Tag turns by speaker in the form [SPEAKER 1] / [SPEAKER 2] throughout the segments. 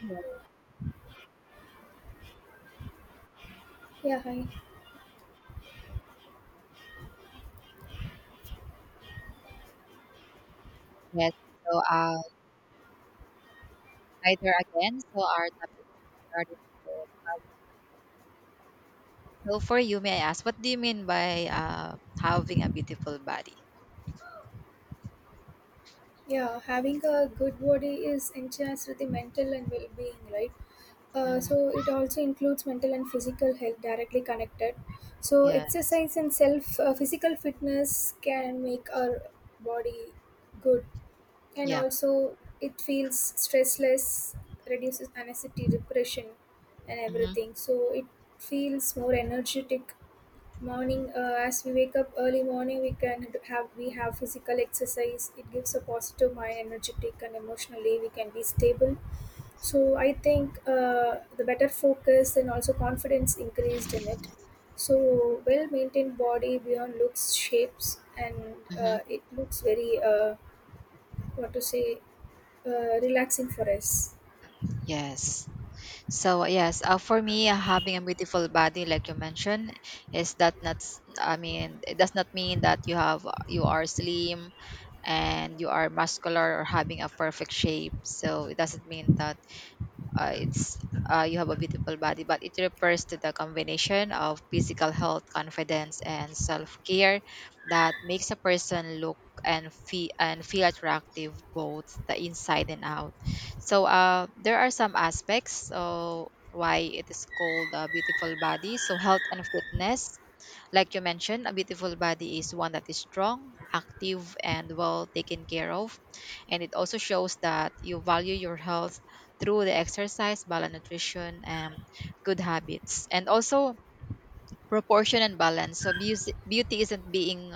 [SPEAKER 1] Hello.
[SPEAKER 2] Yeah, hi.
[SPEAKER 1] Yes, so uh, hi there again. So our topic is regarding with- so for you, may I ask, what do you mean by having a beautiful body?
[SPEAKER 2] Yeah, having a good body is enhanced with the mental and well-being, right? Uh,
[SPEAKER 1] Mm,
[SPEAKER 2] so it also includes mental and physical health directly connected. So
[SPEAKER 1] yes.
[SPEAKER 2] exercise and self physical fitness can make our body good, and
[SPEAKER 1] Yeah.
[SPEAKER 2] also it feels stressless, reduces anxiety, depression, and
[SPEAKER 1] Mm-hmm.
[SPEAKER 2] everything. So it feels more energetic. Morning, as we wake up early morning, we have physical exercise. It gives a positive mind, energetic, and emotionally we can be stable. So I think the better focus and also confidence increased in it. So well maintained body beyond looks, shapes, and
[SPEAKER 1] Mm-hmm.
[SPEAKER 2] it looks very what to say relaxing for us.
[SPEAKER 1] Yes. For me, having a beautiful body, like you mentioned, is that not? S- I mean, it does not mean that you are slim and you are muscular or having a perfect shape. So it doesn't mean that it's you have a beautiful body, but it refers to the combination of physical health, confidence, and self-care that makes a person look and feel attractive both the inside and out. So there are some aspects so why it is called a beautiful body. So health and fitness: like you mentioned, a beautiful body is one that is strong, active, and well taken care of. And it also shows that you value your health through the exercise, balanced nutrition, and good habits. And also proportion and balance. So beauty isn't being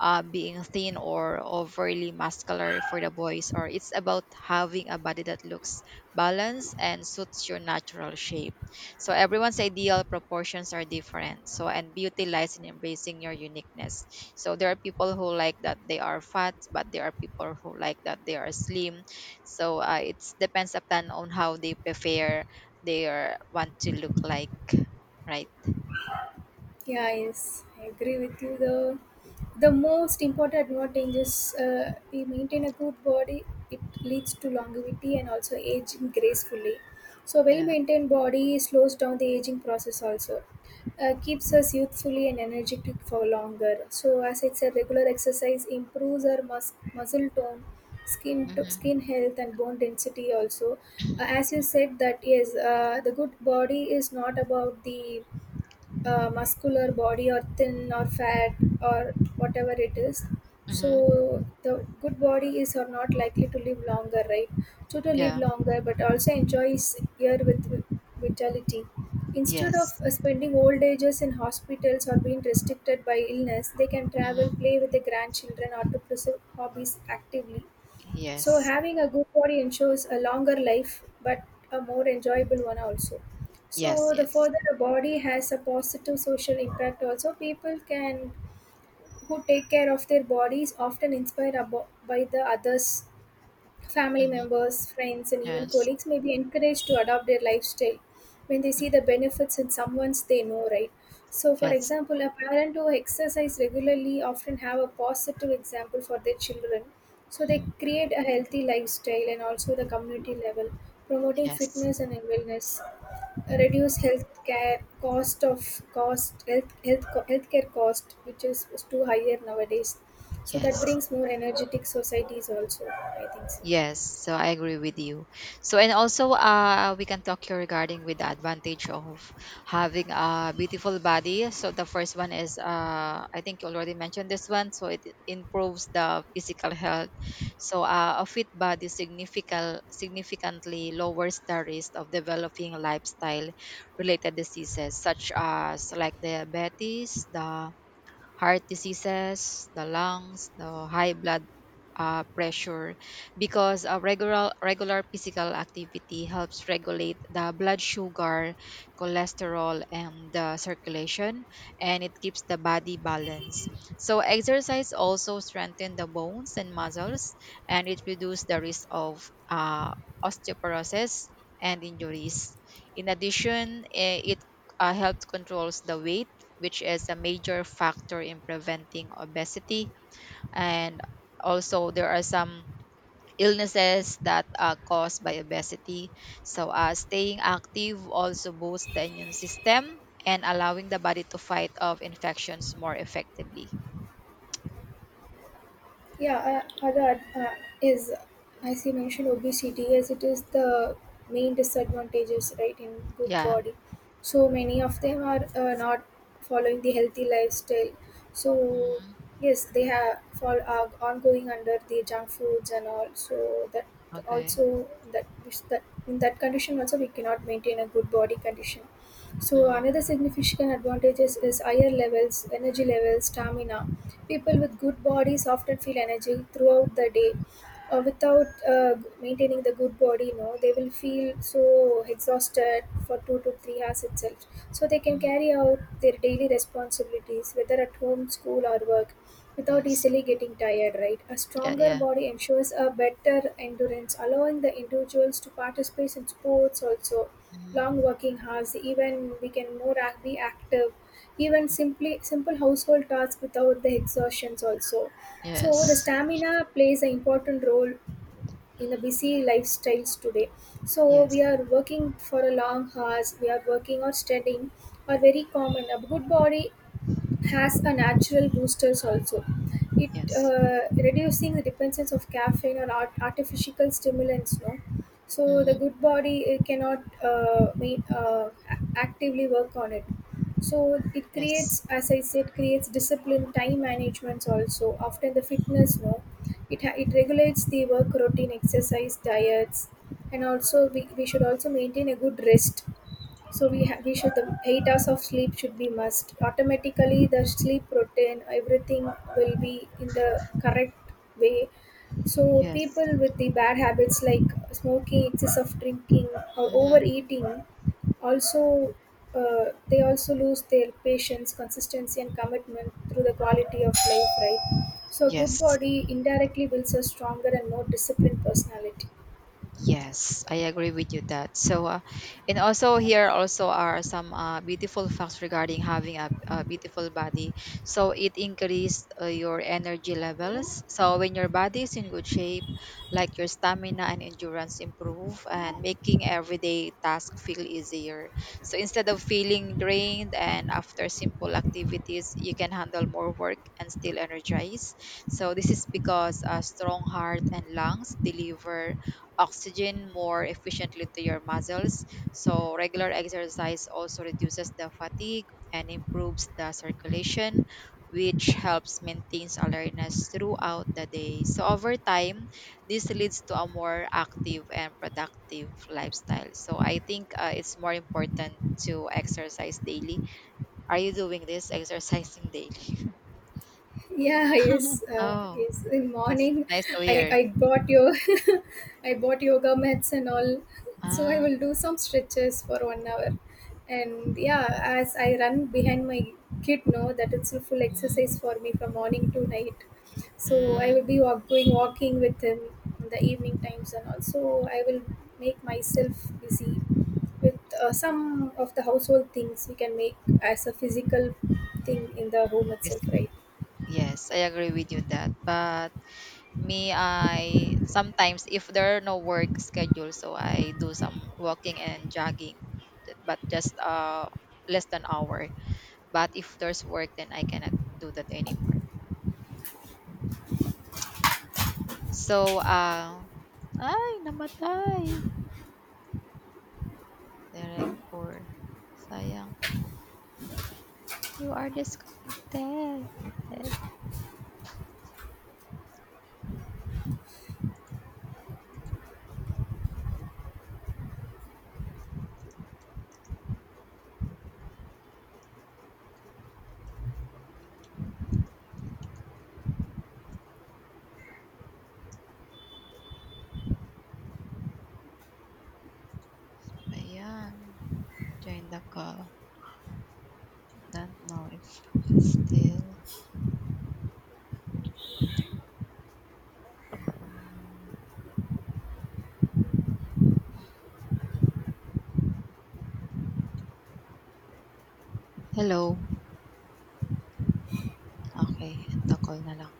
[SPEAKER 1] uh, being thin or overly muscular for the boys, or it's about having a body that looks balanced and suits your natural shape. So everyone's ideal proportions are different. So and beauty lies in embracing your uniqueness. So there are people who like that they are fat, but there are people who like that they are slim. So it depends upon on how they prefer want to look like, right?
[SPEAKER 2] Yeah, yes, I agree with you. The most important advantage is we maintain a good body. It leads to longevity and also aging gracefully. So,
[SPEAKER 1] Yeah.
[SPEAKER 2] well-maintained body slows down the aging process also. Keeps us youthfully and energetic for longer. So, as I said, regular exercise improves our muscle tone, skin
[SPEAKER 1] Mm-hmm.
[SPEAKER 2] health, and bone density also. As you said, that yes, the good body is not about the muscular body or thin or fat, or whatever it is. So
[SPEAKER 1] Mm-hmm.
[SPEAKER 2] the good body is or not likely to live longer, right? So to live
[SPEAKER 1] Yeah.
[SPEAKER 2] longer but also enjoys year with vitality, instead of
[SPEAKER 1] Yes.
[SPEAKER 2] spending old ages in hospitals or being restricted by illness. They can travel,
[SPEAKER 1] Mm-hmm.
[SPEAKER 2] play with their grandchildren, or to pursue hobbies actively. So
[SPEAKER 1] Yes.
[SPEAKER 2] having a good body ensures a longer life, but a more enjoyable one also.
[SPEAKER 1] Yes,
[SPEAKER 2] So the
[SPEAKER 1] yes.
[SPEAKER 2] further a body has a positive social impact also. People can who take care of their bodies often inspired by the others. Family
[SPEAKER 1] Hmm.
[SPEAKER 2] members, friends, and even
[SPEAKER 1] Yes,
[SPEAKER 2] colleagues may be encouraged to adopt their lifestyle when they see the benefits in someone's they know, right? So, for
[SPEAKER 1] yes.
[SPEAKER 2] example, a parent who exercise regularly often have a positive example for their children. So, they
[SPEAKER 1] Mhm.
[SPEAKER 2] create a healthy lifestyle and also the community level, promoting
[SPEAKER 1] Yes,
[SPEAKER 2] fitness and wellness, reduce health care cost of cost health health healthcare cost, which is too higher nowadays. So that
[SPEAKER 1] yes,
[SPEAKER 2] brings more energetic societies also. I think so.
[SPEAKER 1] yes. So I agree with you. So and also, we can talk here regarding with the advantage of having a beautiful body. So the first one is, I think you already mentioned this one. So it improves the physical health. So a fit body significantly lowers the risk of developing lifestyle related diseases such as like diabetes, the heart diseases, the lungs, the high blood pressure, because regular physical activity helps regulate the blood sugar, cholesterol, and the circulation, and it keeps the body balanced. So exercise also strengthen the bones and muscles, and it reduces the risk of osteoporosis and injuries. In addition, it helps controls the weight, which is a major factor in preventing obesity, and also there are some illnesses that are caused by obesity. So staying active also boosts the immune system and allowing the body to fight off infections more effectively.
[SPEAKER 2] Yeah, other is as you mentioned obesity, as it is the main disadvantages, right, in good
[SPEAKER 1] Yeah.
[SPEAKER 2] body. So many of them are not following the healthy lifestyle. So
[SPEAKER 1] Hmm.
[SPEAKER 2] yes, they have fall are ongoing under the junk foods and all. So that
[SPEAKER 1] Okay.
[SPEAKER 2] also that in that condition also we cannot maintain a good body condition. So
[SPEAKER 1] Hmm.
[SPEAKER 2] another significant advantages is higher levels, energy levels, stamina. People with good bodies often feel energy throughout the day. Without maintaining the good body, no, they will feel so exhausted for 2 to 3 hours itself. So they can
[SPEAKER 1] Hmm.
[SPEAKER 2] carry out their daily responsibilities, whether at home, school, or work, without
[SPEAKER 1] Yes.
[SPEAKER 2] easily getting tired. Right, a
[SPEAKER 1] Yeah,
[SPEAKER 2] stronger
[SPEAKER 1] yeah.
[SPEAKER 2] body ensures a better endurance, allowing the individuals to participate in sports also.
[SPEAKER 1] Hmm.
[SPEAKER 2] Long working hours, even we can more be active, even simply simple household tasks without the exhaustions also. So the
[SPEAKER 1] Yes,
[SPEAKER 2] stamina plays an important role in the busy lifestyles today. So we
[SPEAKER 1] yes,
[SPEAKER 2] are working for a long hours, we are working or studying, are very common. A good body has a natural boosters also. It
[SPEAKER 1] yes.
[SPEAKER 2] reducing the dependence of caffeine or artificial stimulants. No, so the
[SPEAKER 1] Hmm.
[SPEAKER 2] good body it cannot actively work on it. So it
[SPEAKER 1] Yes,
[SPEAKER 2] creates, as I said, creates discipline, time management also. After the fitness, no, it it regulates the work routine, exercise, diets, and also we should also maintain a good rest. So we should the 8 hours of sleep should be must. Automatically the sleep routine everything will be in the correct way. So
[SPEAKER 1] yes.
[SPEAKER 2] people with the bad habits like smoking, excess of drinking, or
[SPEAKER 1] Hmm.
[SPEAKER 2] overeating also, they also lose their patience, consistency, and commitment through the quality of life, right? So a good
[SPEAKER 1] Yes.
[SPEAKER 2] body indirectly builds a stronger and more disciplined personality.
[SPEAKER 1] Yes, I agree with you that. So, and also here also are some beautiful facts regarding having a beautiful body. So it increases your energy levels. So when your body is in good shape, like your stamina and endurance improve, and making everyday task feel easier. So instead of feeling drained and after simple activities, you can handle more work and still energize. So this is because a strong heart and lungs deliver oxygen more efficiently to your muscles. So regular exercise also reduces the fatigue and improves the circulation, which helps maintains alertness throughout the day. So, over time, this leads to a more active and productive lifestyle. So, I think it's more important to exercise daily. Are you doing this exercising daily?
[SPEAKER 2] Yeah, yes,
[SPEAKER 1] Oh,
[SPEAKER 2] yes. In
[SPEAKER 1] that's
[SPEAKER 2] morning,
[SPEAKER 1] nice to
[SPEAKER 2] I
[SPEAKER 1] hear.
[SPEAKER 2] I bought your, I bought yoga mats and all, so I
[SPEAKER 1] Ah,
[SPEAKER 2] will do some stretches for 1 hour, and yeah, as I run behind my kid, know that it's a full exercise
[SPEAKER 1] hmm,
[SPEAKER 2] for me from morning to night, so I will
[SPEAKER 1] mm,
[SPEAKER 2] be walk, going walking with him in the evening times, and also I will make myself busy with some of the household things we can make as a physical thing in the home itself,
[SPEAKER 1] basically.
[SPEAKER 2] right?
[SPEAKER 1] Yes, I agree with you that. But me, I sometimes if there are no work schedule, so I do some walking and jogging, but just less than hour. But if there's work, then I cannot do that anymore. So ay namatay. Direct for sayang. You are disconnected. Ayan, join the call. Don't know if still. Hello. Okay, end the call na lang.